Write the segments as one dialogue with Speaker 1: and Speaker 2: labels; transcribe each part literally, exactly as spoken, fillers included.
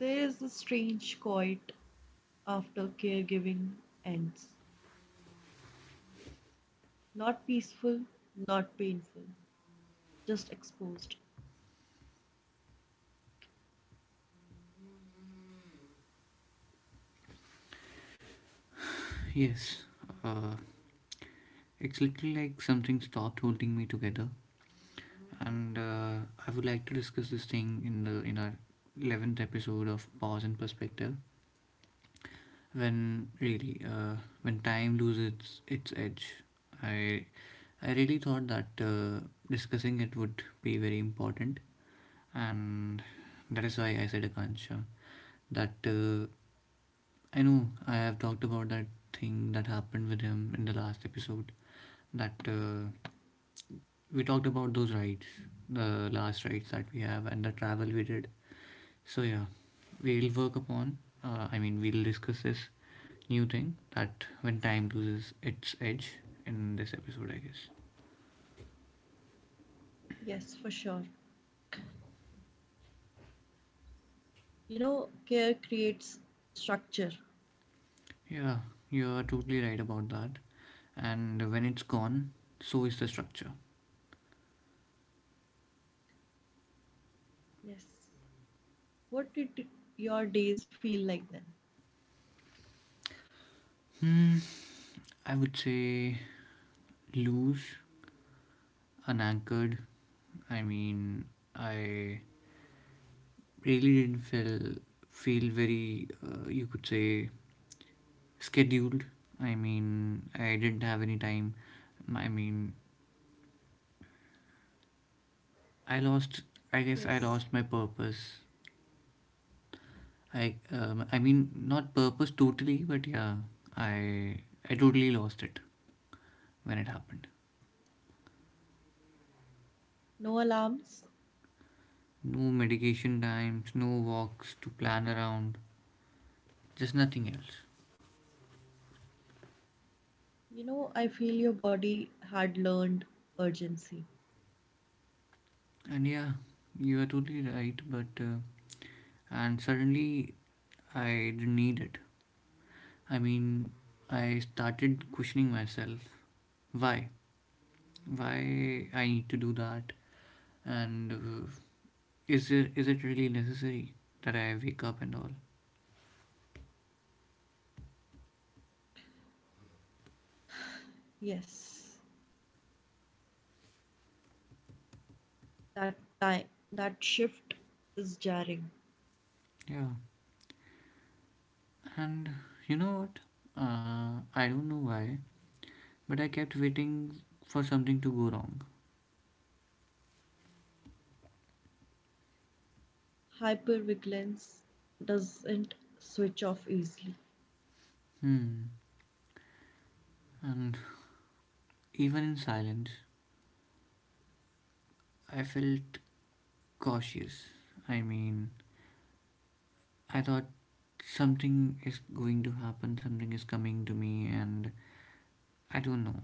Speaker 1: There is a strange quiet after caregiving ends. Not peaceful, not painful, just exposed.
Speaker 2: Yes, uh, it's literally like something stopped holding me together, and uh, I would like to discuss this thing in the in our eleventh episode of Pause and Perspective. When really, uh, when time loses its its edge, I I really thought that uh, discussing it would be very important, and that is why I said Akansha that uh, I know I have talked about that thing that happened with him in the last episode that uh, We talked about those rides, the last rides that we have, and the travel we did. So, yeah, we'll work upon, uh, I mean, we'll discuss this new thing that when time loses its edge in this episode, I guess.
Speaker 1: Yes, for sure. You know, care creates structure.
Speaker 2: Yeah, you're totally right about that. And when it's gone, so is the structure.
Speaker 1: Yes. What did your days feel like then?
Speaker 2: Hmm, I would say loose, unanchored. I mean, I really didn't feel feel very uh, you could say scheduled. I mean, I didn't have any time. I mean, I lost, I guess I
Speaker 1: Yes.
Speaker 2: lost my purpose. I um, I mean not purpose totally, but yeah, i i totally lost it when it happened.
Speaker 1: No alarms?
Speaker 2: No medication times, no walks to plan around, just nothing else.
Speaker 1: You know, I feel your body had learned urgency.
Speaker 2: And yeah, you are totally right, but uh, and suddenly I didn't need it. I mean, I started questioning myself, why, why I need to do that. And uh, is it is it really necessary that I wake up and all?
Speaker 1: Yes. That time, that shift is jarring.
Speaker 2: Yeah, and you know what? Uh, I don't know why, but I kept waiting for something to go wrong.
Speaker 1: Hypervigilance doesn't switch off easily.
Speaker 2: Hmm. And even in silence, I felt cautious. I mean, I thought something is going to happen, something is coming to me, and I don't know.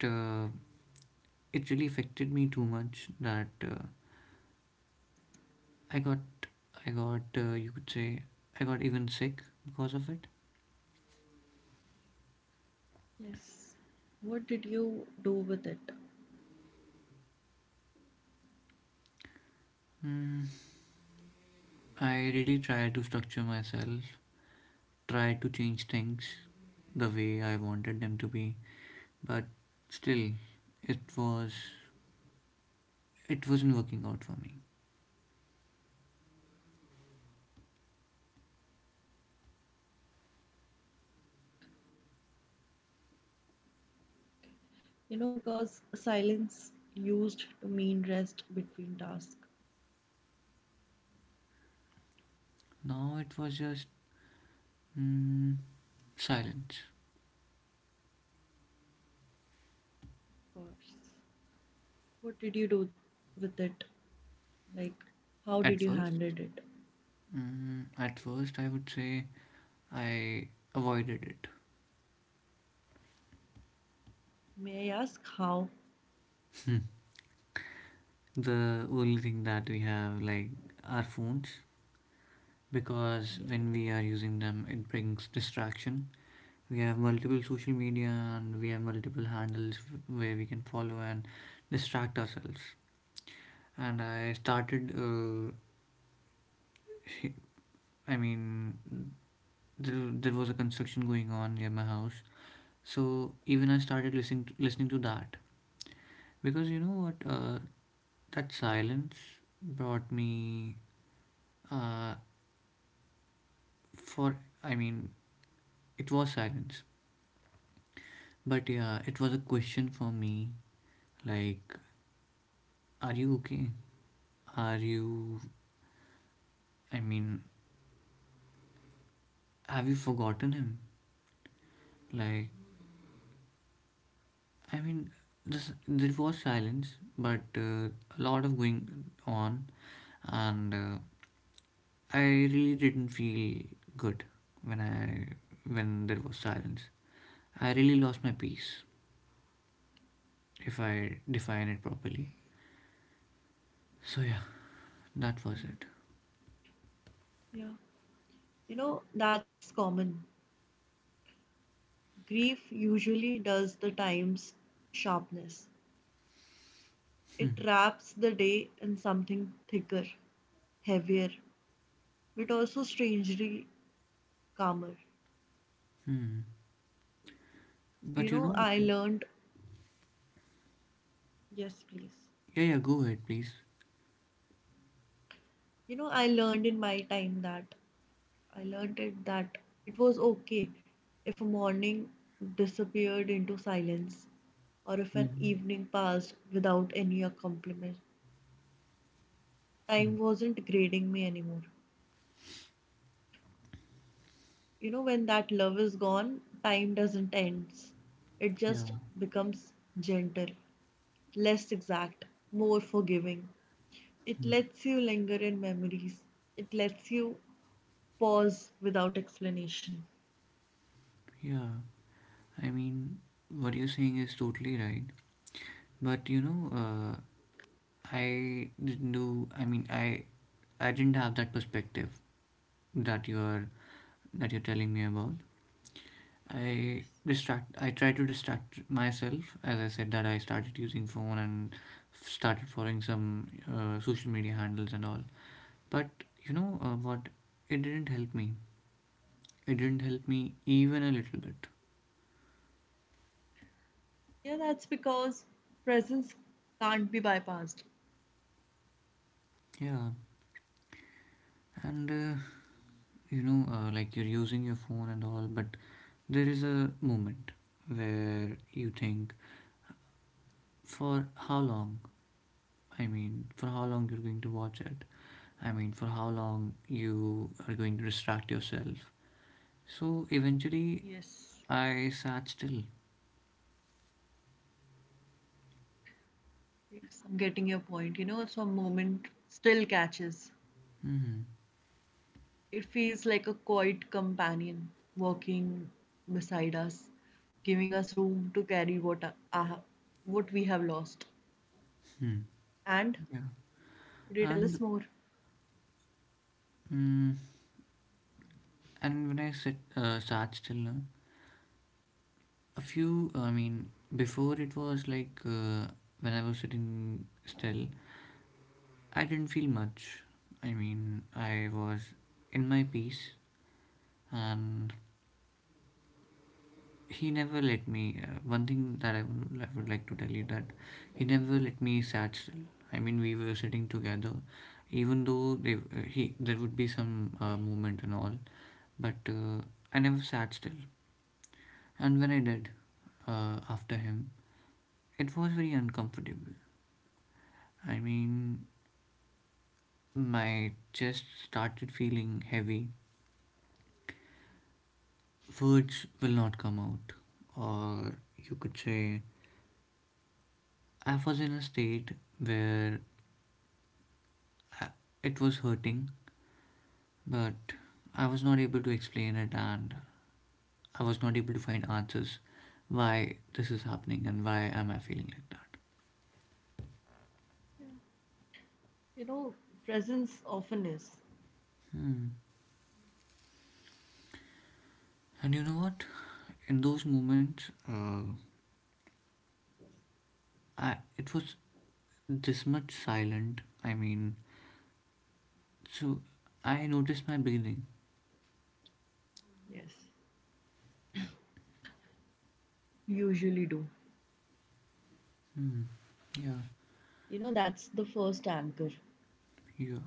Speaker 2: It uh, it really affected me too much that uh, I got I got, uh, you could say, I got even sick because of it.
Speaker 1: Yes. What did you do with it?
Speaker 2: Mm. I really tried to structure myself, tried to change things the way I wanted them to be, but still, it was, it wasn't working out for me.
Speaker 1: You know, because silence used to mean rest between tasks,
Speaker 2: Now it was just mm, silence.
Speaker 1: of course. What did you do with it? Like, how
Speaker 2: At
Speaker 1: did you
Speaker 2: first,
Speaker 1: handle it?
Speaker 2: mm, at first, I would say I avoided it.
Speaker 1: May I ask how?
Speaker 2: The only thing that we have, like, our phones, because when we are using them, it brings distraction. We have multiple social media, and we have multiple handles where we can follow and distract ourselves. And I started, uh, I mean, there, there was a construction going on near my house, so even I started listening to, listening to that, because you know what, uh, that silence brought me for, I mean, it was silence, but yeah, it was a question for me, like, are you okay? Are you. I mean, have you forgotten him? Like, I mean, this, there was silence, but uh, a lot of going on, and uh, I really didn't feel good when I. when there was silence. I really lost my peace, if I define it properly. So, yeah, that was it.
Speaker 1: Yeah. You know, that's common. Grief usually does the time's sharpness. It wraps the day in something thicker, heavier, but also strangely calmer.
Speaker 2: Hmm. But
Speaker 1: You
Speaker 2: you
Speaker 1: know,
Speaker 2: know,
Speaker 1: I learned. Yes, please.
Speaker 2: yeah, yeah, go ahead, please.
Speaker 1: You know, I learned in my time that I learned it that it was okay if a morning disappeared into silence or if an
Speaker 2: Hmm.
Speaker 1: evening passed without any accompaniment.
Speaker 2: Hmm.
Speaker 1: Time wasn't grading me anymore. You know, when that love is gone, time doesn't end. It
Speaker 2: Yeah.
Speaker 1: just becomes gentle, less exact, more forgiving. It
Speaker 2: Hmm.
Speaker 1: lets you linger in memories. It lets you pause without explanation.
Speaker 2: Yeah. I mean, what you're saying is totally right. But you know, uh, I didn't do. I mean, I I didn't have that perspective that you're that you're telling me about. I distract. I try to distract myself, as I said that I started using phone and f- started following some uh, social media handles and all. But you know, uh, what? It didn't help me. It didn't help me even a little bit.
Speaker 1: Yeah, that's because presence can't be bypassed.
Speaker 2: Yeah. And uh, you know, uh, like you're using your phone and all, but there is a moment where you think, for how long, I mean, for how long you're going to watch it, I mean, for how long you are going to distract yourself. So eventually,
Speaker 1: Yes,
Speaker 2: I sat still.
Speaker 1: yes, I'm getting your point. You know, some moment still catches.
Speaker 2: Hmm.
Speaker 1: It feels like a quiet companion walking beside us, giving us room to carry what uh, what we have lost.
Speaker 2: Hmm.
Speaker 1: And
Speaker 2: Yeah.
Speaker 1: could you tell
Speaker 2: And
Speaker 1: us more?
Speaker 2: mm, and when I sit uh, sat still, no, a few, I mean, before it was like, uh, when I was sitting still, I didn't feel much. I mean, I was in my peace. And he never let me, uh, one thing that I would, I would like to tell you, that he never let me sat still. I mean, we were sitting together, even though they, uh, he, there would be some uh, movement and all, but uh, I never sat still. And when I did, uh, after him, it was very uncomfortable. I mean, my chest started feeling heavy, words will not come out, or you could say I was in a state where it was hurting, but I was not able to explain it, and I was not able to find answers why this is happening and why am I feeling like that.
Speaker 1: You know, presence often is.
Speaker 2: Hmm. And you know what? In those moments, uh, I it was this much silent. I mean, so I noticed my breathing.
Speaker 1: Yes, usually do.
Speaker 2: Hmm. Yeah,
Speaker 1: You know, that's the first anchor.
Speaker 2: yeah.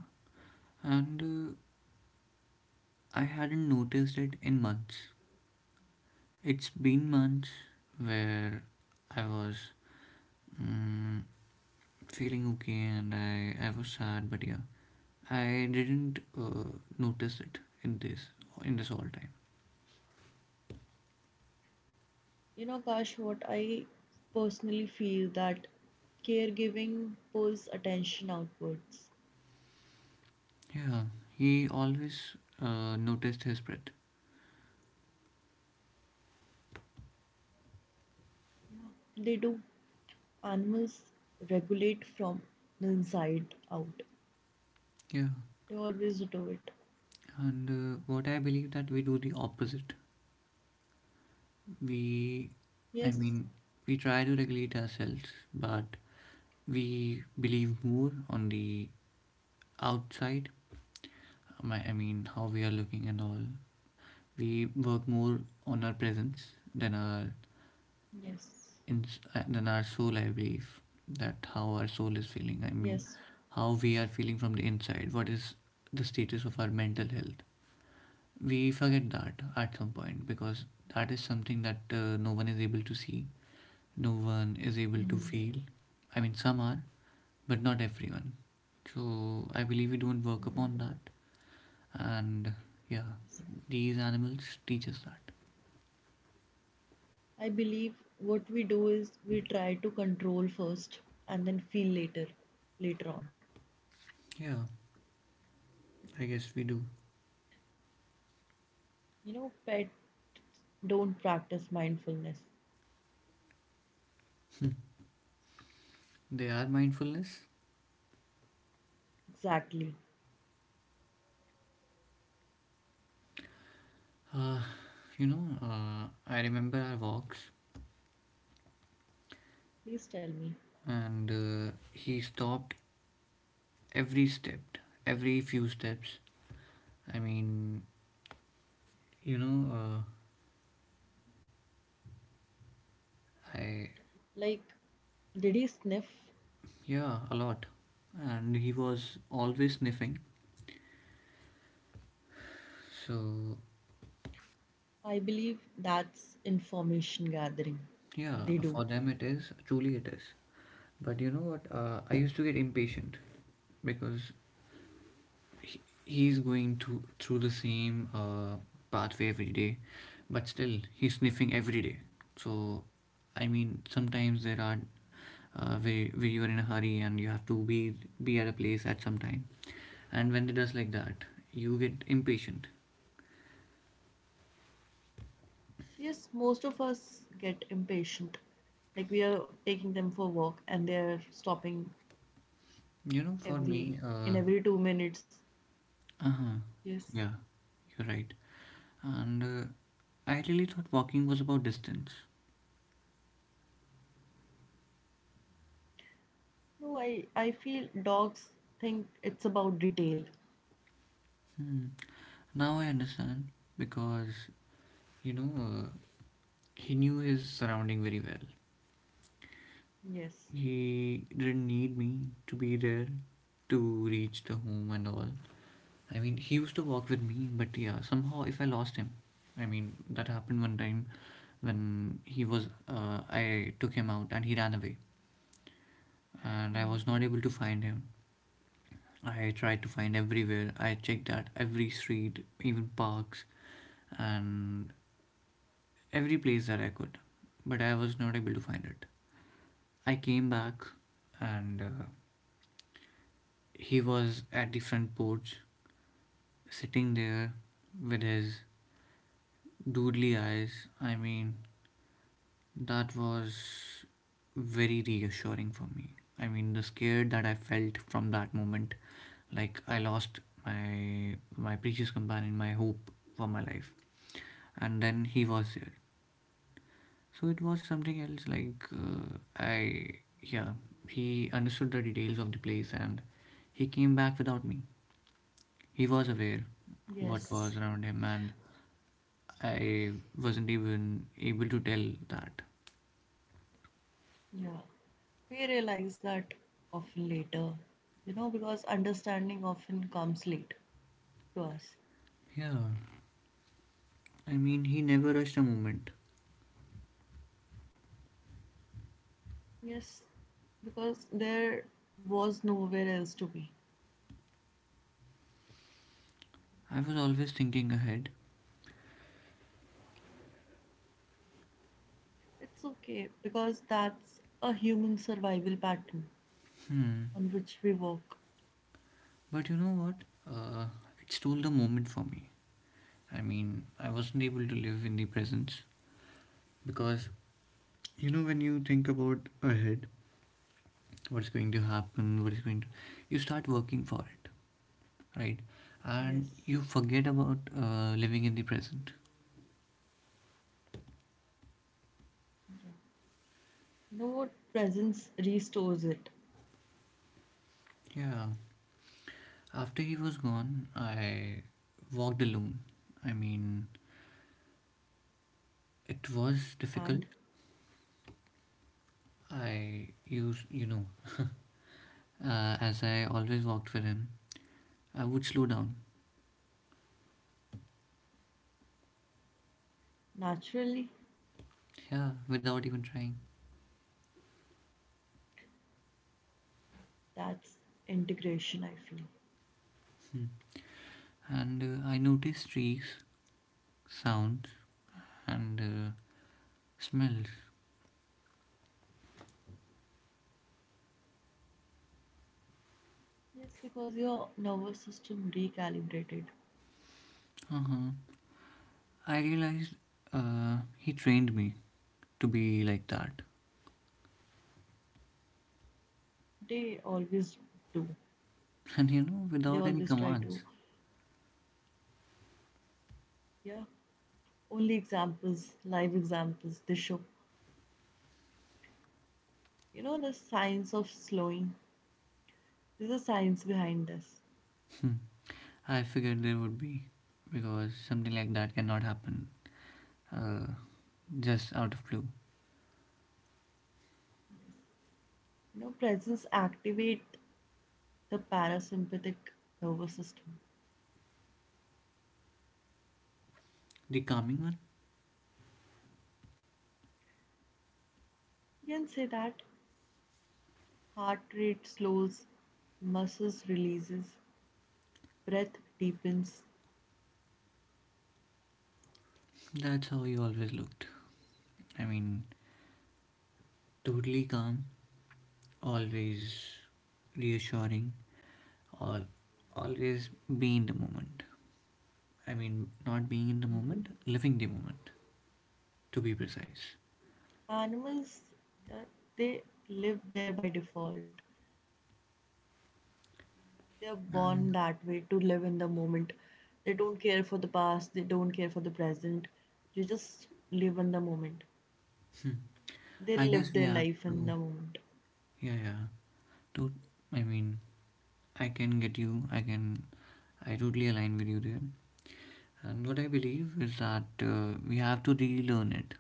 Speaker 2: And uh, I hadn't noticed it in months. It's been months where I was, mm, feeling okay, and I, I was sad, but yeah, I didn't uh, notice it in this in this all time.
Speaker 1: You know, Kash, what I personally feel that caregiving pulls attention outwards.
Speaker 2: Yeah, he always uh, noticed his breath.
Speaker 1: They do. Animals regulate from the inside out.
Speaker 2: Yeah.
Speaker 1: They always do it.
Speaker 2: And uh, what I believe, that we do the opposite. We I
Speaker 1: Yes,
Speaker 2: mean, we try to regulate ourselves, but we believe more on the outside, my- I mean, how we are looking and all. We work more on our presence than our,
Speaker 1: yes,
Speaker 2: in than our soul, I believe. That how our soul is feeling, I mean,
Speaker 1: yes.
Speaker 2: how we are feeling from the inside, what is the status of our mental health, we forget that at some point, because that is something that uh, no one is able to see, no one is able to
Speaker 1: Mhm.
Speaker 2: feel. I mean, some are, but not everyone. So I believe we don't work upon that. And yeah, these animals teach us that.
Speaker 1: I believe what we do is we try to control first and then feel later, later on.
Speaker 2: Yeah, I guess we do.
Speaker 1: You know, pet don't practice mindfulness.
Speaker 2: They are mindfulness.
Speaker 1: Exactly.
Speaker 2: Uh, you know, uh, I remember our walks,
Speaker 1: Please tell me.
Speaker 2: and uh, he stopped every step, every few steps. I mean, you know, uh, I,
Speaker 1: Like, did he sniff
Speaker 2: yeah, a lot. And he was always sniffing. So,
Speaker 1: I believe that's information gathering.
Speaker 2: yeah,
Speaker 1: They do.
Speaker 2: for them it is, truly it is. But you know what? Uh, I used to get impatient because he, he's going to through the same uh, pathway every day, but still he's sniffing every day. So, I mean, sometimes there are, uh, where, where you are in a hurry and you have to be be at a place at some time, and when it does like that, you get impatient.
Speaker 1: Yes, most of us get impatient. Like we are taking them for walk and they're stopping
Speaker 2: You know, for me,
Speaker 1: every in
Speaker 2: uh
Speaker 1: every two minutes.
Speaker 2: uh-huh,
Speaker 1: Yes.
Speaker 2: yeah, you're right. And uh, I really thought walking was about distance.
Speaker 1: No, I, I feel dogs think it's about detail.
Speaker 2: Hmm. Now I understand, because you know, uh, he knew his surrounding very well.
Speaker 1: Yes.
Speaker 2: He didn't need me to be there to reach the home and all. I mean, he used to walk with me, but yeah, somehow if I lost him, I mean, that happened one time when he was, uh, I took him out and he ran away, and I was not able to find him. I tried to find everywhere. I checked at every street, even parks, and every place that I could, but I was not able to find it. I came back, and uh, he was at the front porch sitting there with his doodly eyes. I mean, that was very reassuring for me. I mean, the scare that I felt from that moment, like I lost my my precious companion, my hope for my life, and then he was there. So it was something else. Like, uh, I, yeah, he understood the details of the place, and he came back without me. He was aware what
Speaker 1: Yes.
Speaker 2: was around him, and I wasn't even able to tell that.
Speaker 1: Yeah. We realize that often later. You know, because understanding often comes late to us.
Speaker 2: Yeah, I mean, he never rushed a moment.
Speaker 1: Yes. Because there was nowhere else to be.
Speaker 2: I was always thinking ahead.
Speaker 1: It's okay because that's a human survival pattern
Speaker 2: Hmm.
Speaker 1: on which we work.
Speaker 2: But you know what? Uh, it stole the moment for me. I mean, I wasn't able to live in the presence, because you know, when you think about ahead, what's going to happen, what is going to, you start working for it, right? And
Speaker 1: Yes.
Speaker 2: you forget about uh, living in the present.
Speaker 1: You know what? Presence restores it.
Speaker 2: Yeah, after he was gone, I walked alone. I mean, it was difficult.
Speaker 1: And
Speaker 2: I used, you know, uh, as I always walked with him, I would slow down.
Speaker 1: naturally,
Speaker 2: Yeah, without even trying.
Speaker 1: that's integration, I feel.
Speaker 2: Hmm. And uh, I noticed trees, sounds, and uh, smells.
Speaker 1: Yes, because your nervous system recalibrated.
Speaker 2: Uh-huh. I realized, uh, he trained me to be like that.
Speaker 1: They always do.
Speaker 2: And you know,
Speaker 1: They
Speaker 2: without any
Speaker 1: always try to.
Speaker 2: commands.
Speaker 1: Yeah. Only examples, live examples, they show. You know, the science of slowing. There's a science behind this.
Speaker 2: Hmm. I figured there would be, because something like that cannot happen uh, just out of blue.
Speaker 1: You know, presence activate the parasympathetic nervous system.
Speaker 2: The calming one?
Speaker 1: You can say that heart rate slows, muscles releases, breath deepens.
Speaker 2: That's how he always looked. I mean, totally calm, always reassuring, all, always being in the moment. I mean, not being in the moment, living the moment, to be precise.
Speaker 1: Animals, uh, they live there by default. They are born
Speaker 2: And
Speaker 1: that way to live in the moment. They don't care for the past, they don't care for the present. They just live in the moment. They
Speaker 2: I
Speaker 1: live
Speaker 2: guess we
Speaker 1: their
Speaker 2: have
Speaker 1: life in
Speaker 2: to,
Speaker 1: the moment.
Speaker 2: yeah, yeah. To, I mean, I can get you, I can, I totally align with you there. And what I believe is that uh, we have to relearn it.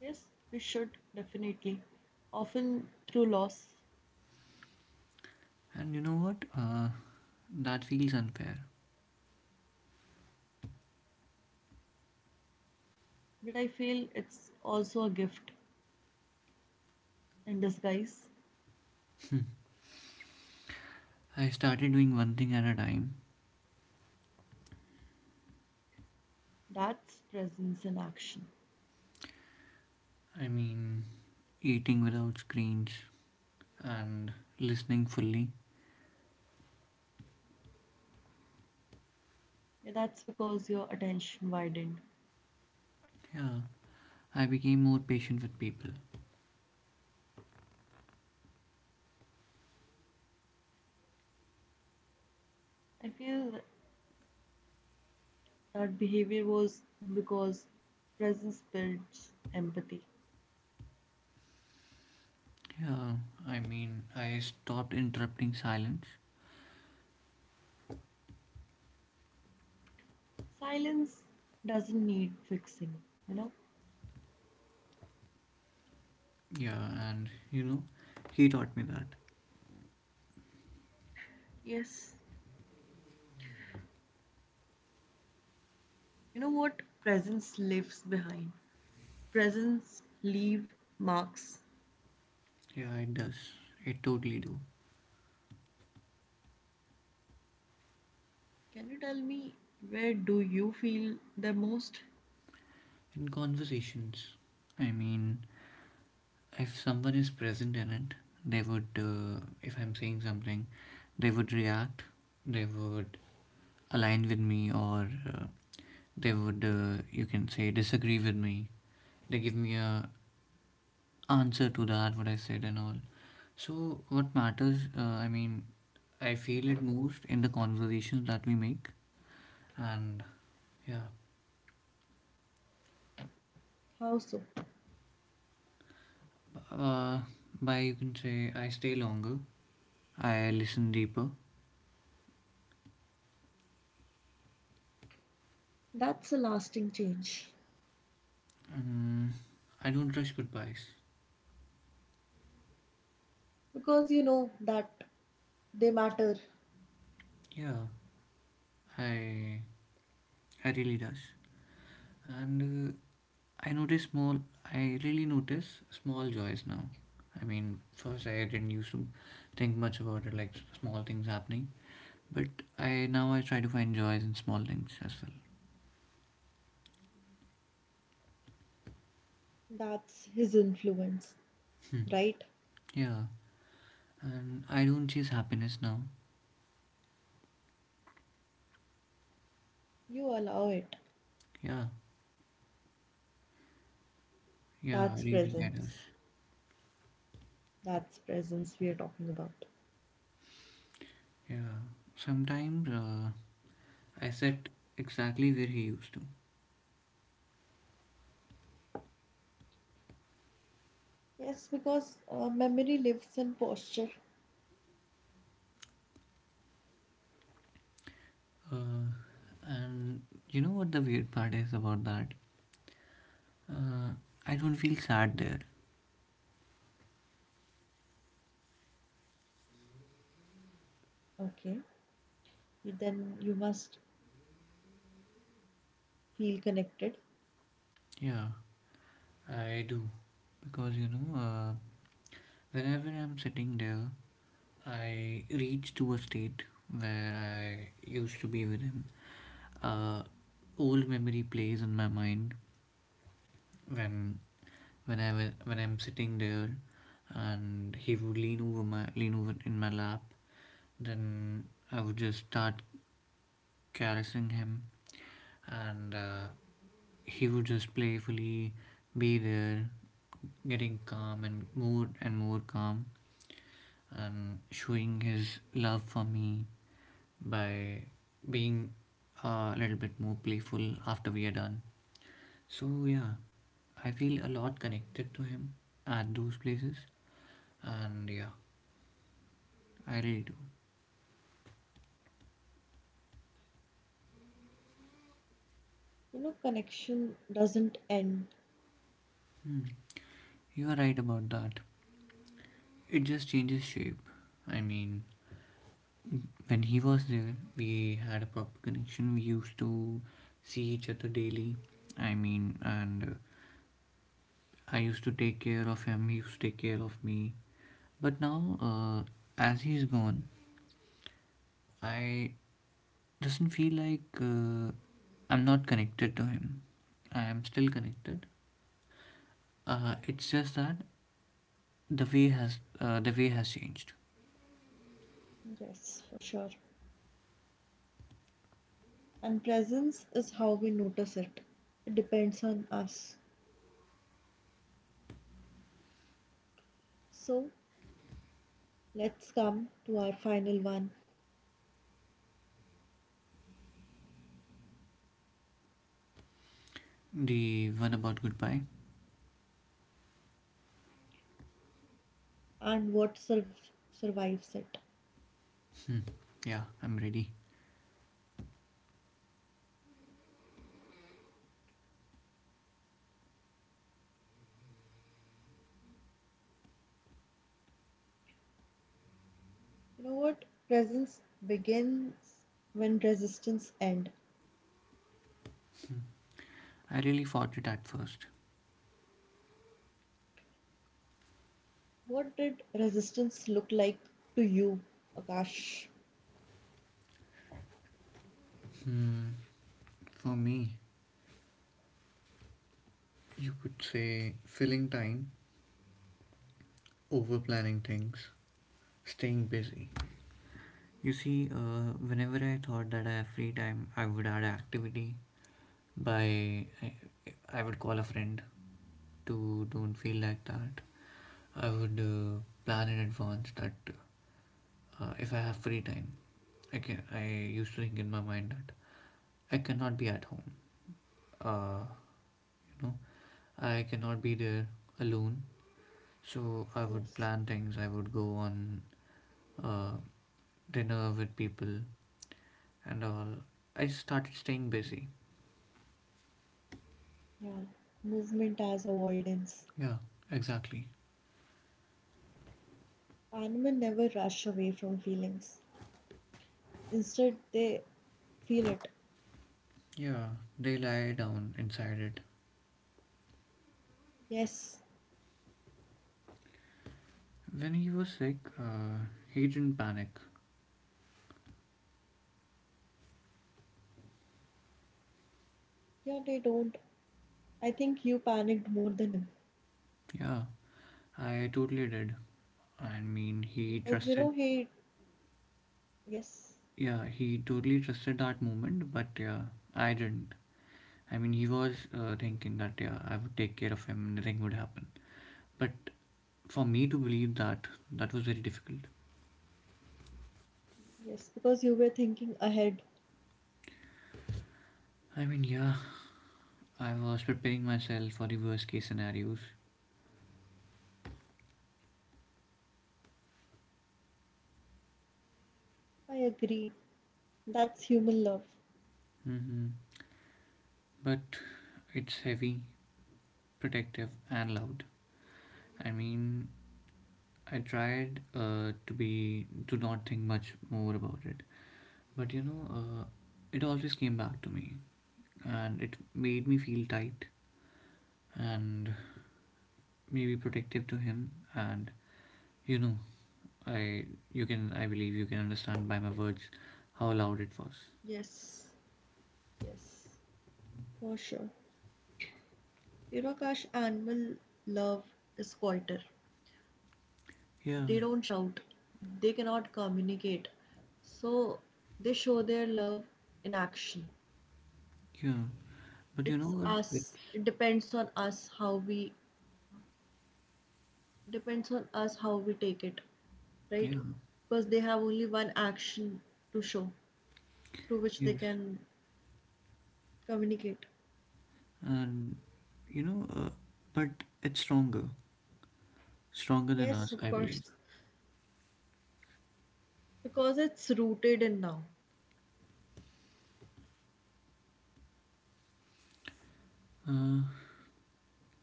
Speaker 1: Yes, we should definitely. Often through loss,
Speaker 2: And you know what? Uh, that feels unfair.
Speaker 1: but I feel it's also a gift and disguise.
Speaker 2: I started doing one thing at a time.
Speaker 1: That's presence in action.
Speaker 2: I mean, eating without screens and listening fully.
Speaker 1: Yeah, that's because your attention widened.
Speaker 2: Yeah, I became more patient with people.
Speaker 1: I feel that behavior was because presence builds empathy.
Speaker 2: Yeah, I mean, I stopped interrupting silence.
Speaker 1: Silence doesn't need fixing, you know.
Speaker 2: Yeah, and you know, he taught me that.
Speaker 1: Yes, you know what presence leaves behind, presence leave marks.
Speaker 2: Yeah, it does. It totally do.
Speaker 1: Can you tell me where do you feel the most?
Speaker 2: In conversations, I mean, if someone is present in it, they would, uh, if I'm saying something, they would react, they would align with me or uh, they would uh, you can say disagree with me. They give me a answer to that what I said and all. So what matters, uh, I mean, I feel it most in the conversations that we make. And
Speaker 1: How so?
Speaker 2: yeah, uh, by you can say I stay longer. I listen deeper.
Speaker 1: That's a lasting change
Speaker 2: um, I don't rush goodbyes.
Speaker 1: because you know that they matter.
Speaker 2: Yeah, i i really does. And uh, I notice small. I really notice small joys now. I mean, first I didn't used to think much about it, like small things happening. But I now I try to find joys in small things as well.
Speaker 1: That's his influence,
Speaker 2: Hmm.
Speaker 1: right?
Speaker 2: Yeah, and I don't chase happiness now.
Speaker 1: You allow it.
Speaker 2: Yeah, yeah,
Speaker 1: That's
Speaker 2: really, I does.
Speaker 1: presence. That's presence we are talking about.
Speaker 2: Yeah, sometimes uh, I sit exactly where he used to.
Speaker 1: Yes, because uh, memory lives in posture.
Speaker 2: Uh, and you know what the weird part is about that? Uh, I don't feel sad there.
Speaker 1: Okay. Then you must feel connected.
Speaker 2: Yeah, I do. Because you know uh, whenever I'm sitting there, I reach to a state where I used to be with him. uh, Old memory plays in my mind when when i wa- when I'm sitting there, and he would lean over my lean over in my lap. Then I would just start caressing him. And uh, he would just playfully be there, getting calm and more and more calm, and showing his love for me by being a little bit more playful after we are done. So, yeah, I feel a lot connected to him at those places, and yeah, I really do.
Speaker 1: You know, connection doesn't end.
Speaker 2: Hmm. You are right about that. It just changes shape. I mean, when he was there, we had a proper connection. We used to see each other daily. I mean, and uh, I used to take care of him, he used to take care of me. But now, uh, as he's gone, I doesn't feel like uh, I'm not connected to him. I am still connected. Uh, it's just that the way has uh, the way has changed.
Speaker 1: Yes, for sure. And presence is how we notice it. It depends on us. So let's come to our final one
Speaker 2: The one about goodbye.
Speaker 1: and what sur- survives it.
Speaker 2: Yeah, I'm ready.
Speaker 1: You know what? Presence begins when resistance end.
Speaker 2: I really fought it at first.
Speaker 1: What did resistance look like to you, Akash?
Speaker 2: Hmm. For me, you could say filling time, over planning things, staying busy. You see, uh, whenever I thought that I have free time, I would add activity by I, I would call a friend to don't feel like that. I would uh, plan in advance that uh, if I have free time, I can. I used to think in my mind that I cannot be at home. Uh, you know, I cannot be there alone. So I would
Speaker 1: Yes.
Speaker 2: plan things. I would go on uh, dinner with people and all. I just started staying busy.
Speaker 1: Yeah. Movement as avoidance.
Speaker 2: Yeah, exactly.
Speaker 1: Animals never rush away from feelings. Instead, they feel it.
Speaker 2: Yeah, they lie down inside it.
Speaker 1: Yes.
Speaker 2: When he was sick, uh, he didn't panic.
Speaker 1: Yeah, they don't. I think you panicked more than him.
Speaker 2: Yeah, I totally did. I mean, he
Speaker 1: Because, you
Speaker 2: trusted.
Speaker 1: know, he. Yes.
Speaker 2: Yeah, he totally trusted that moment, but yeah, I didn't. I mean, he was uh, thinking that yeah, I would take care of him, nothing would happen. But for me to believe that, that was very difficult.
Speaker 1: Yes. Because you were thinking ahead.
Speaker 2: I mean, yeah, I was preparing myself for the worst case scenarios.
Speaker 1: I agree. That's human love.
Speaker 2: Hmm. But it's heavy, protective, and loud. I mean, I tried uh, to be to not think much more about it, but you know, uh, it always came back to me, and it made me feel tight and maybe protective to him. And you know, I you can I believe you can understand by my words how loud it was.
Speaker 1: Yes. Yes. For sure. You know, Kash, animal love is quieter.
Speaker 2: Yeah,
Speaker 1: They don't shout, they cannot communicate. So they show their love in action.
Speaker 2: yeah. But you know
Speaker 1: It's
Speaker 2: what? It,
Speaker 1: us. It depends on us how we depends on us how we take it, right?
Speaker 2: yeah,
Speaker 1: Because they have only one action to show through which they
Speaker 2: yes,
Speaker 1: can communicate.
Speaker 2: and you know, uh, but it's stronger, stronger than
Speaker 1: Yes,
Speaker 2: us,
Speaker 1: of
Speaker 2: I believe.
Speaker 1: course. Because it's rooted in now.
Speaker 2: Uh,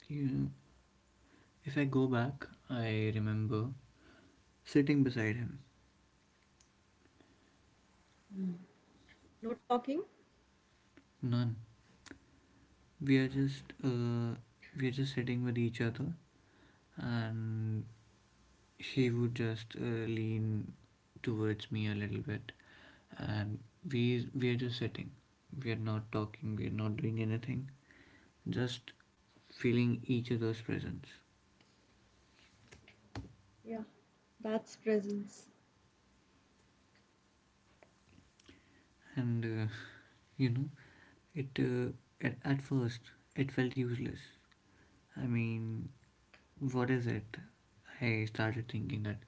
Speaker 2: You, if I go back, I remember sitting beside him.
Speaker 1: Hmm. No talking?
Speaker 2: None. We are just uh, we are just sitting with each other, and he would just uh, lean towards me a little bit, and we we are just sitting. We are not talking. We are not doing anything. Just feeling each other's presence.
Speaker 1: Yeah, that's presence.
Speaker 2: And uh, you know, it uh, at, at first it felt useless. I mean, what is it? I started thinking that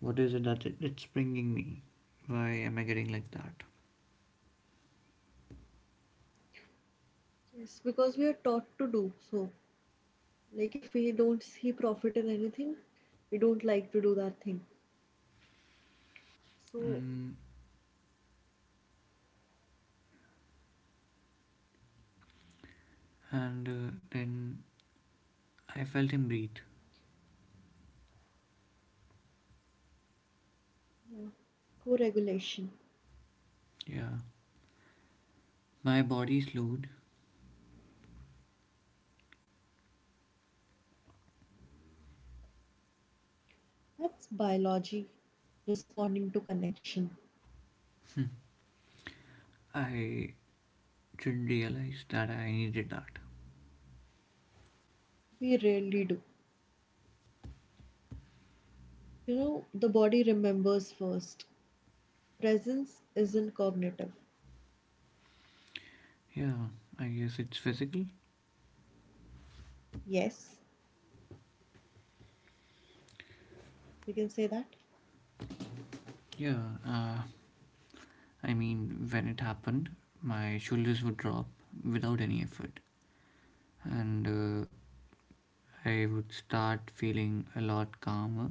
Speaker 2: what is it that it, it's bringing me. Why am I getting like that?
Speaker 1: Yes, because we are taught to do so. Like if we don't see profit in anything, we don't like to do that thing. So,
Speaker 2: And and uh, then I felt him breathe.
Speaker 1: yeah, co-regulation.
Speaker 2: Yeah. My body slowed.
Speaker 1: That's biology responding to connection.
Speaker 2: I didn't realize that I needed that.
Speaker 1: We rarely do. You know, the body remembers first. Presence isn't cognitive.
Speaker 2: Yeah, I guess it's physical.
Speaker 1: Yes, we can say that.
Speaker 2: Yeah, uh, I mean when it happened my shoulders would drop without any effort. And uh, I would start feeling a lot calmer.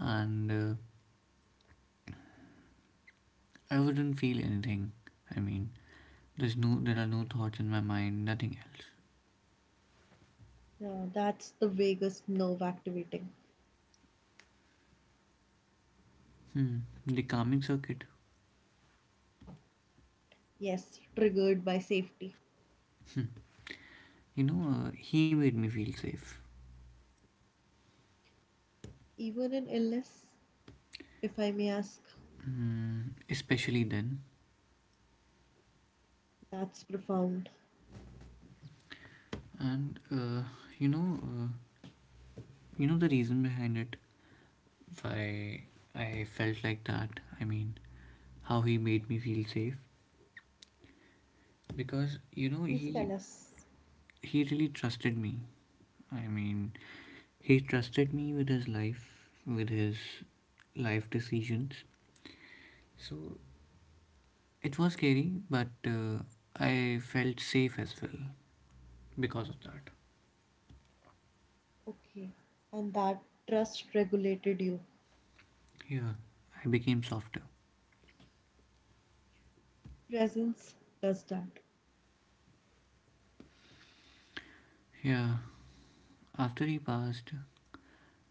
Speaker 2: And uh, I wouldn't feel anything. I mean, There's no, there are no thoughts in my mind, nothing else.
Speaker 1: Yeah, that's the vagus nerve activating.
Speaker 2: Hmm. The calming circuit.
Speaker 1: Yes, triggered by safety.
Speaker 2: Hmm. You know, uh, he made me feel safe.
Speaker 1: Even in illness, if I may ask,
Speaker 2: Hmm. Especially then,
Speaker 1: that's profound.
Speaker 2: and uh, you know, uh, you know the reason behind it. Why I felt like that. I mean, how he made me feel safe. Because you know,
Speaker 1: Please
Speaker 2: he
Speaker 1: tell us.
Speaker 2: he really trusted me. I mean, he trusted me with his life, with his life decisions. So it was scary, but uh, I felt safe as well because of that.
Speaker 1: Okay, and that trust regulated you.
Speaker 2: Yeah, I became softer.
Speaker 1: Presence does that.
Speaker 2: Yeah, after he passed,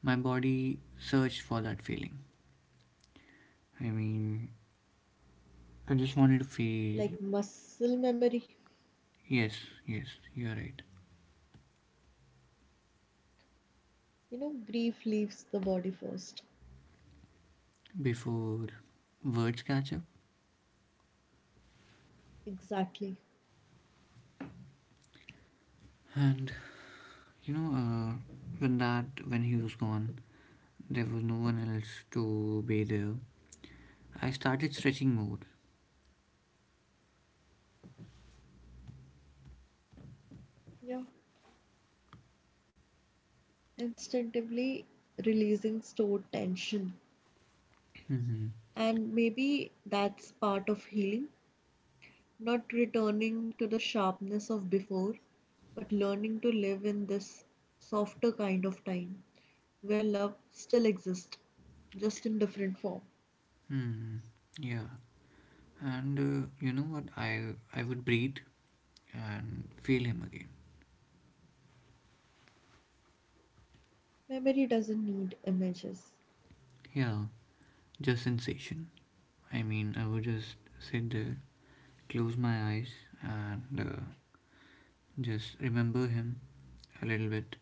Speaker 2: my body searched for that feeling. I mean, I just wanted to feel.
Speaker 1: Like muscle memory,
Speaker 2: Yes, yes, you're right.
Speaker 1: you know, grief leaves the body first.
Speaker 2: Before words catch up.
Speaker 1: Exactly.
Speaker 2: And, you know, uh, when that, when he was gone, there was no one else to be there. I started stretching more.
Speaker 1: Yeah. Instinctively releasing stored tension.
Speaker 2: Mm-hmm.
Speaker 1: And maybe that's part of healing, not returning to the sharpness of before, but learning to live in this softer kind of time where love still exists, just in different form.
Speaker 2: Hmm. Yeah, and uh, you know what? I I would breathe and feel him again.
Speaker 1: Memory doesn't need images.
Speaker 2: Yeah, just sensation. I mean, I would just sit there, close my eyes, and uh, just remember him a little bit.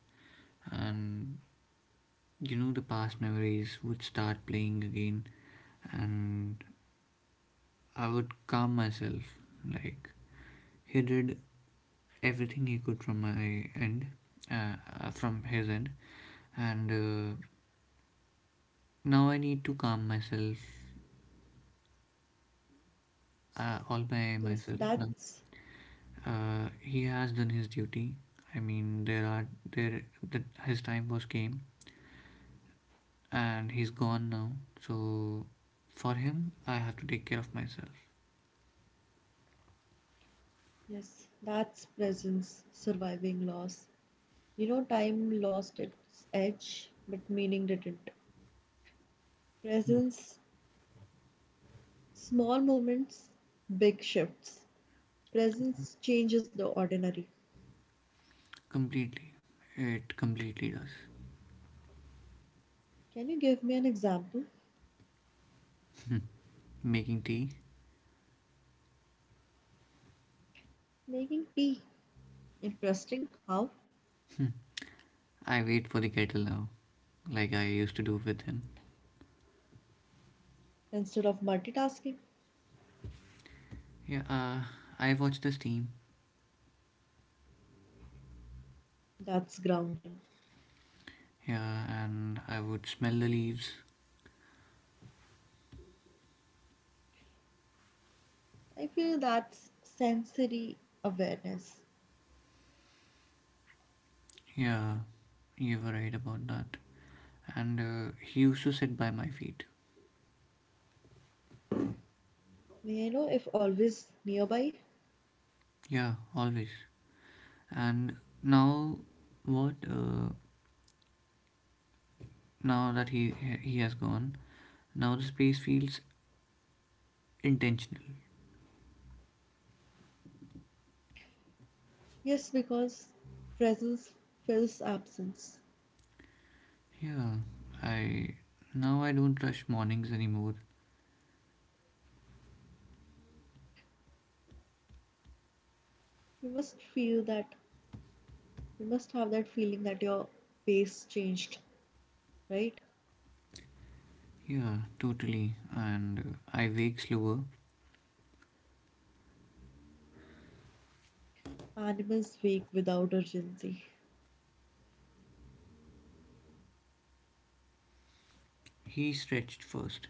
Speaker 2: And you know, the past memories would start playing again, and I would calm myself. Like he did everything he could from my end, uh, uh, from his end, and uh, now I need to calm myself uh, all by
Speaker 1: Yes,
Speaker 2: myself now.
Speaker 1: that's
Speaker 2: Uh, he has done his duty. I mean, there are there the, his time was came and he's gone now. So for him, I have to take care of myself.
Speaker 1: yes, that's presence surviving loss. You know, time lost its edge, but meaning didn't. Presence, small moments, big shifts. Presence changes the ordinary.
Speaker 2: Completely. It completely does.
Speaker 1: Can you give me an example?
Speaker 2: Making tea.
Speaker 1: Making tea. Interesting. How?
Speaker 2: I wait for the kettle now, like I used to do with him.
Speaker 1: Instead of multitasking,
Speaker 2: Yeah, uh, I watch the steam.
Speaker 1: that's grounding.
Speaker 2: Yeah, and I would smell the leaves.
Speaker 1: I feel that's sensory awareness.
Speaker 2: Yeah, you were right about that. And uh, he used to sit by my feet.
Speaker 1: May I know if always nearby?
Speaker 2: Yeah, always. And now, what? Uh, now that he he has gone, now the space feels intentional.
Speaker 1: Yes, because presence fills absence.
Speaker 2: Yeah, I now I don't rush mornings anymore.
Speaker 1: You must feel that, you must have that feeling that your pace changed, right?
Speaker 2: Yeah, totally. And uh, I wake slower.
Speaker 1: Animals wake without urgency,
Speaker 2: He stretched first,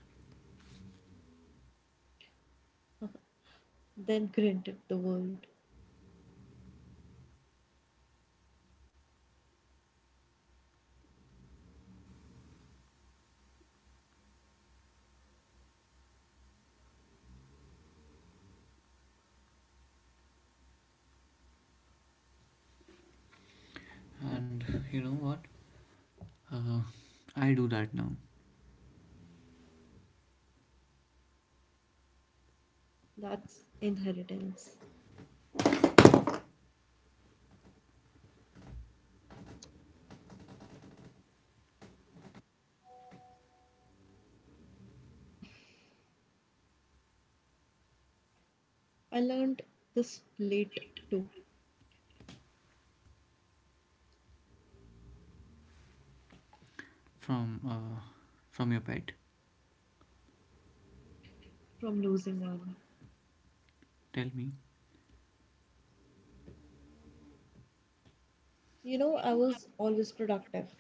Speaker 1: then grant at the world.
Speaker 2: and you know what? Uh, I do that now.
Speaker 1: That's inheritance. I learned this late too
Speaker 2: From uh, from your pet,
Speaker 1: from losing one.
Speaker 2: tell me.
Speaker 1: You know, I was always productive.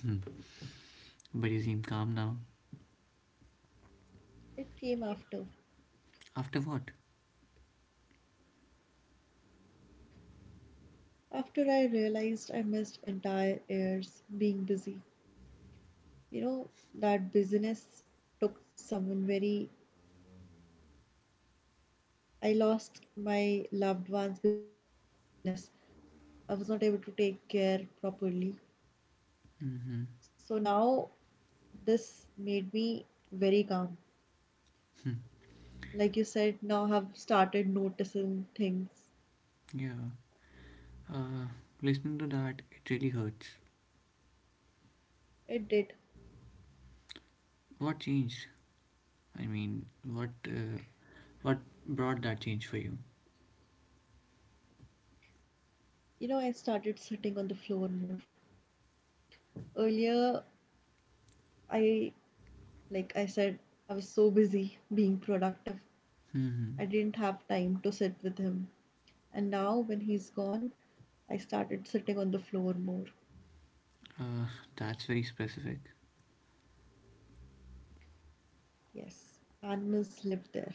Speaker 2: Hmm. But you seem calm now.
Speaker 1: It came after.
Speaker 2: After what?
Speaker 1: After I realized I missed entire years being busy. You know, that busyness took someone very I lost my loved ones because of that busyness. I was not able to take care properly.
Speaker 2: Mm-hmm.
Speaker 1: So now this made me very calm. Like you said, now I've started noticing things.
Speaker 2: Yeah. Uh, Listening to that, it really hurts.
Speaker 1: It did.
Speaker 2: What changed? I mean, what uh, what brought that change for you?
Speaker 1: You know, I started sitting on the floor more. Earlier, I, like I said, I was so busy being productive.
Speaker 2: Hmm.
Speaker 1: I didn't have time to sit with him. And now, when he's gone, I started sitting on the floor more.
Speaker 2: Uh, that's very specific.
Speaker 1: Yes, animals live there.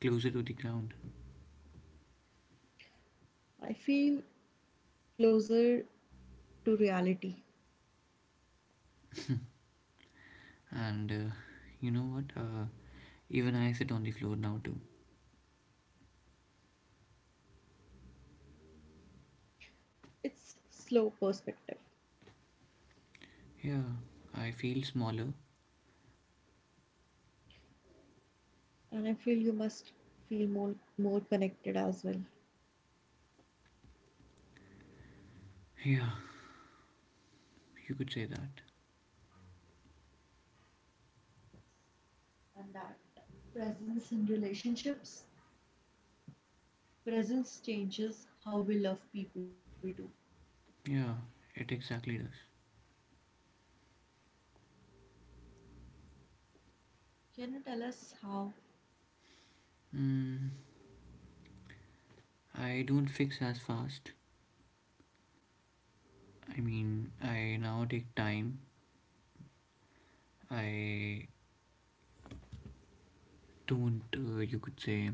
Speaker 2: Closer to the ground.
Speaker 1: I feel closer to reality.
Speaker 2: And uh, you know what? Uh, even I sit on the floor now too.
Speaker 1: It's slow perspective,
Speaker 2: Yeah, I feel smaller.
Speaker 1: and I feel you must feel more more connected as well.
Speaker 2: Yeah, you could say that.
Speaker 1: And that presence in relationships, presence changes how we love people too.
Speaker 2: Yeah, it exactly does.
Speaker 1: Can you tell us how
Speaker 2: Hmm. I don't fix as fast. I mean, I now take time. I don't, uh, you could say,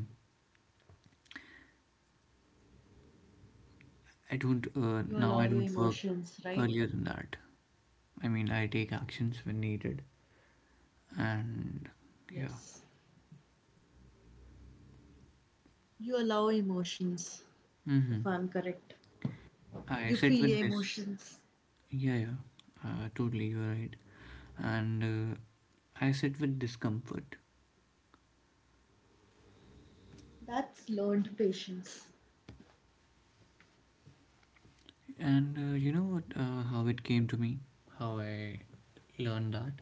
Speaker 2: I don't, uh,
Speaker 1: you
Speaker 2: now I
Speaker 1: allow
Speaker 2: don't
Speaker 1: your
Speaker 2: work
Speaker 1: emotions,
Speaker 2: earlier
Speaker 1: right?
Speaker 2: than that. I mean, I take actions when needed, and yeah,
Speaker 1: Yes, you allow emotions.
Speaker 2: mm-hmm.
Speaker 1: If I'm correct,
Speaker 2: I
Speaker 1: you
Speaker 2: sit
Speaker 1: feel
Speaker 2: with
Speaker 1: your
Speaker 2: this.
Speaker 1: emotions.
Speaker 2: Yeah, yeah, uh, totally, you're right. And uh, I sit with discomfort,
Speaker 1: That's learned patience.
Speaker 2: and uh, you know what? Uh, how it came to me, how I learned that.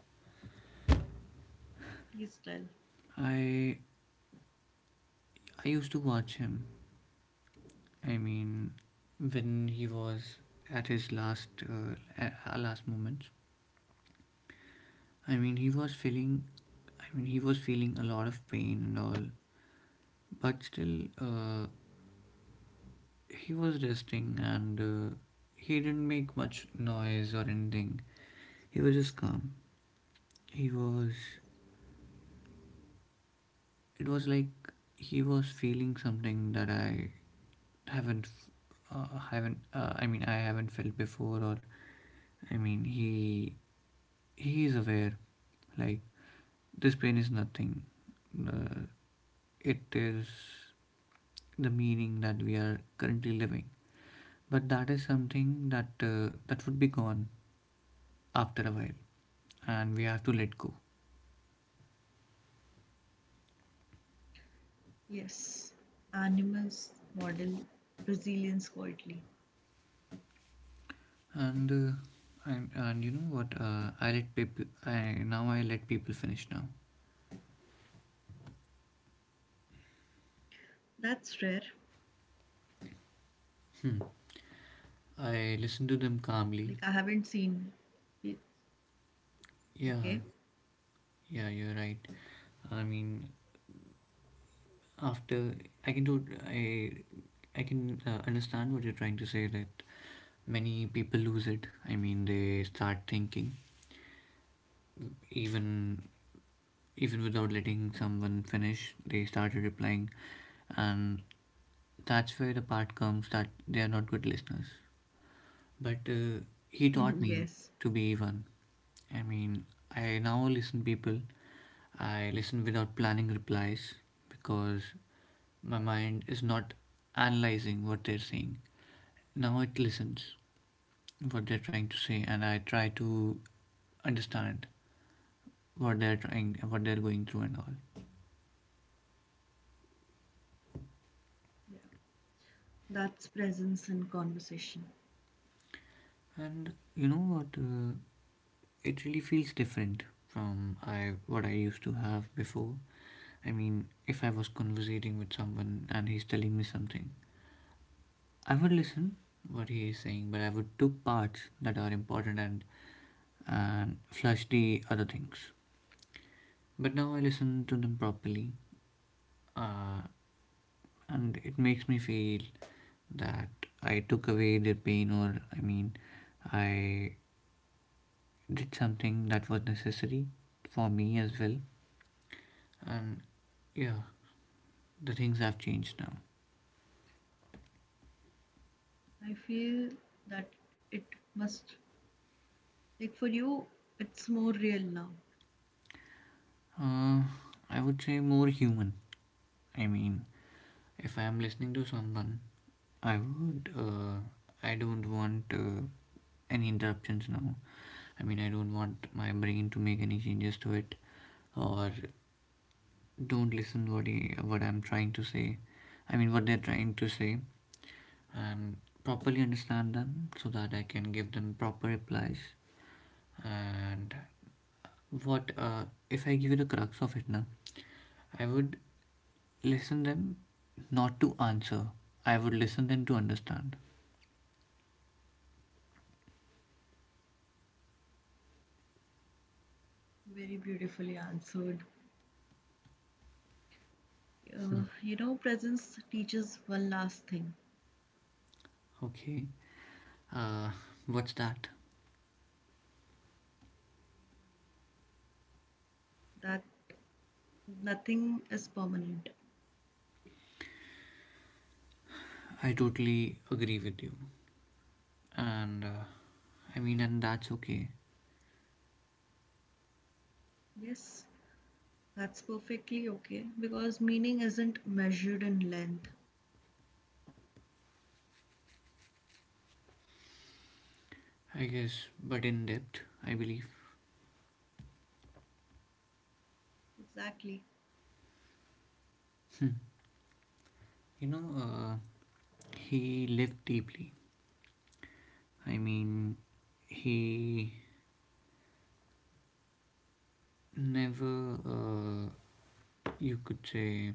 Speaker 1: Please tell.
Speaker 2: I I used to watch him. I mean, when he was at his last uh, a- last moments. I mean, he was feeling. I mean, he was feeling a lot of pain and all, but still, uh, he was resting and uh, he didn't make much noise or anything. He was just calm. He was. It was like he was feeling something that I haven't, f- uh, haven't. Uh, I mean, I haven't felt before, or I mean, he he is aware. Like this pain is nothing. Uh, it is the meaning that we are currently living, but that is something that uh, that would be gone after a while, and we have to let go.
Speaker 1: Yes, animals model resilience quietly.
Speaker 2: And uh, and, and you know what uh, i let people i now i let people finish now.
Speaker 1: That's rare.
Speaker 2: Hmm. I listen to them
Speaker 1: Like
Speaker 2: calmly.
Speaker 1: I haven't seen it. Okay.
Speaker 2: Yeah, yeah, you're right. I mean, after i can do i i can uh, understand what you're trying to say that many people lose it. I mean, they start thinking, even even without letting someone finish, they started replying, and that's where the part comes that they are not good listeners. But uh, he taught me to be
Speaker 1: yes.
Speaker 2: one. I mean, I now listen people. I listen without planning replies because my mind is not analyzing what they're saying. Now it listens what they're trying to say, and I try to understand what they're trying, what they're going through, and all.
Speaker 1: Yeah. That's presence in conversation.
Speaker 2: And you know what? Uh, it really feels different from I what I used to have before. I mean, if I was conversating with someone and he's telling me something, I would listen what he is saying, but I would took parts that are important and and flush the other things. But now I listen to them properly, uh, and it makes me feel that I took away their pain, or I mean, I did something that was necessary for me as well and yeah, the things have changed now.
Speaker 1: I feel that it must like for you it's more real now.
Speaker 2: Uh, I would say more human. I mean, if I am listening to someone, I would. Uh, I don't want uh, any interruptions now. I mean, I don't want my brain to make any changes to it, or don't listen what he, what I'm trying to say. I mean, what they're trying to say, and properly understand them so that I can give them proper replies. And what uh, if I give you the crux of it now? I would listen them not to answer. I would listen them to understand.
Speaker 1: Very beautifully answered. Uh, you know, presence teaches one last thing
Speaker 2: Okay. Uh, what's that?
Speaker 1: that nothing is permanent.
Speaker 2: I totally agree with you. And uh, I mean, and that's okay.
Speaker 1: Yes, that's perfectly okay because meaning isn't measured in length.
Speaker 2: I guess, but in depth, I believe.
Speaker 1: Exactly.
Speaker 2: You know, uh, he lived deeply. I mean, he never, uh, you could say,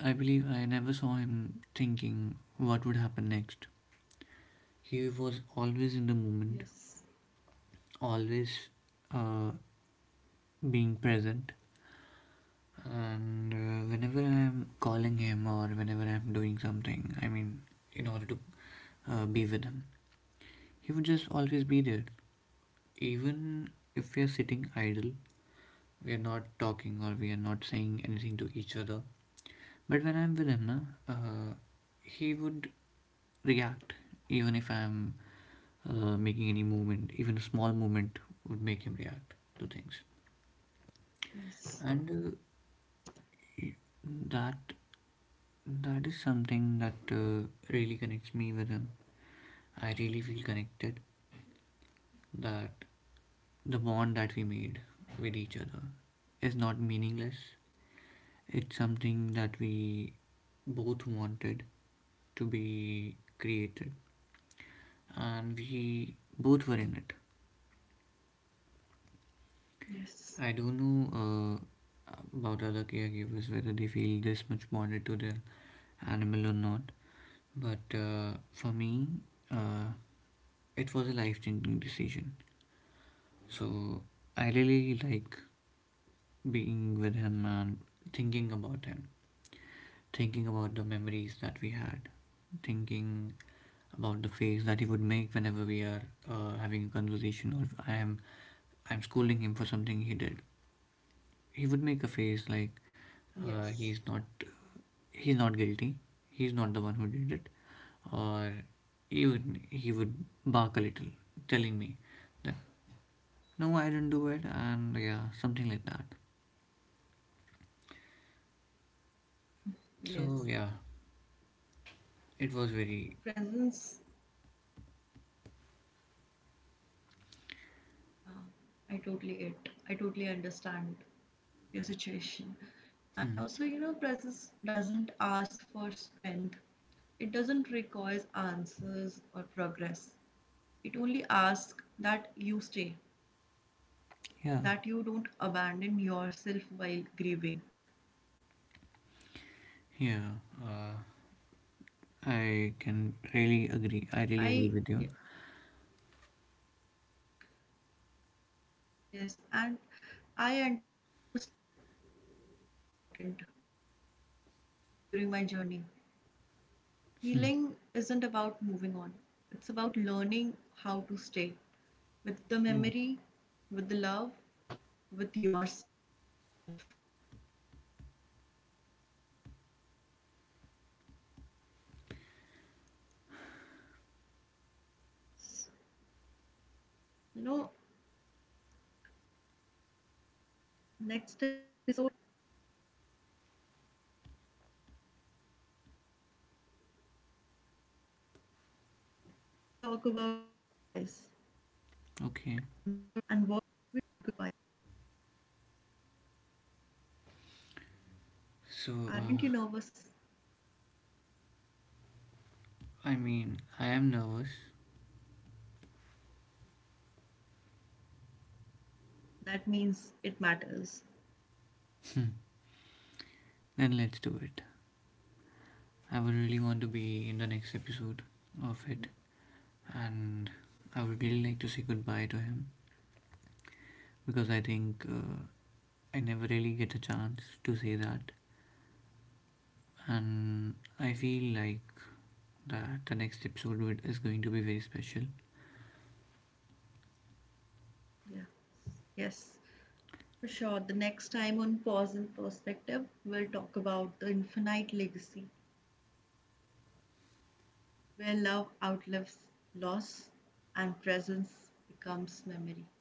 Speaker 2: I believe I never saw him thinking what would happen next. He was always in the moment,
Speaker 1: Yes,
Speaker 2: always uh, being present. And uh, whenever I'm calling him or whenever I'm doing something, I mean, in order to uh, be with him, he would just always be there. Even if we are sitting idle, we are not talking or we are not saying anything to each other. But when I'm with him, na, uh, he would react. Even if I'm uh, making any movement, even a small movement would make him react to things.
Speaker 1: yes,
Speaker 2: And uh, that That is something that uh, really connects me with him. I really feel connected that the bond that we made with each other is not meaningless. It's something that we both wanted to be created and we both were in it. I don't know
Speaker 1: yes,
Speaker 2: uh, about other caregivers whether they feel this much bonded to their animal or not, but uh, for me, uh, it was a life changing decision. So I really like being with him and thinking about him, thinking about the memories that we had, thinking about the face that he would make whenever we are uh, having a conversation or if I am I'm scolding him for something he did. He would make a face like uh, he's not
Speaker 1: yes,
Speaker 2: he's not guilty. He's not the one who did it. Or even he would bark a little, telling me that no, I didn't do it, and yeah, something like that. So yeah,
Speaker 1: yes.
Speaker 2: it
Speaker 1: You
Speaker 2: was
Speaker 1: know,
Speaker 2: very
Speaker 1: presence, uh, I totally get, I totally understand your situation.
Speaker 2: hmm.
Speaker 1: And also, you know, presence doesn't ask for strength, it doesn't require answers or progress. It only asks that you stay,
Speaker 2: Yeah,
Speaker 1: that you don't abandon yourself while grieving.
Speaker 2: yeah. Uh, I can really agree. I really agree
Speaker 1: I
Speaker 2: with you.
Speaker 1: yeah, Yes, and I understood something important during my journey. Healing
Speaker 2: Hmm,
Speaker 1: isn't about moving on, it's about learning how to stay with the
Speaker 2: yeah.
Speaker 1: memory, with the love, with yourself. You know, next episode, we talk about goodbyes and what never
Speaker 2: Okay.
Speaker 1: leaves.
Speaker 2: So
Speaker 1: Aren't
Speaker 2: uh,
Speaker 1: you nervous?
Speaker 2: I mean, I am nervous.
Speaker 1: That means it matters.
Speaker 2: Then let's do it. I would really want to be in the next episode of it, and I would really like to say goodbye to him because I think uh, I never really get a chance to say that, and I feel like that the next episode would- is going to be very special
Speaker 1: Yeah, yes. For sure, the next time on Pause and Perspective, we'll talk about the infinite legacy where love outlives loss and presence becomes memory.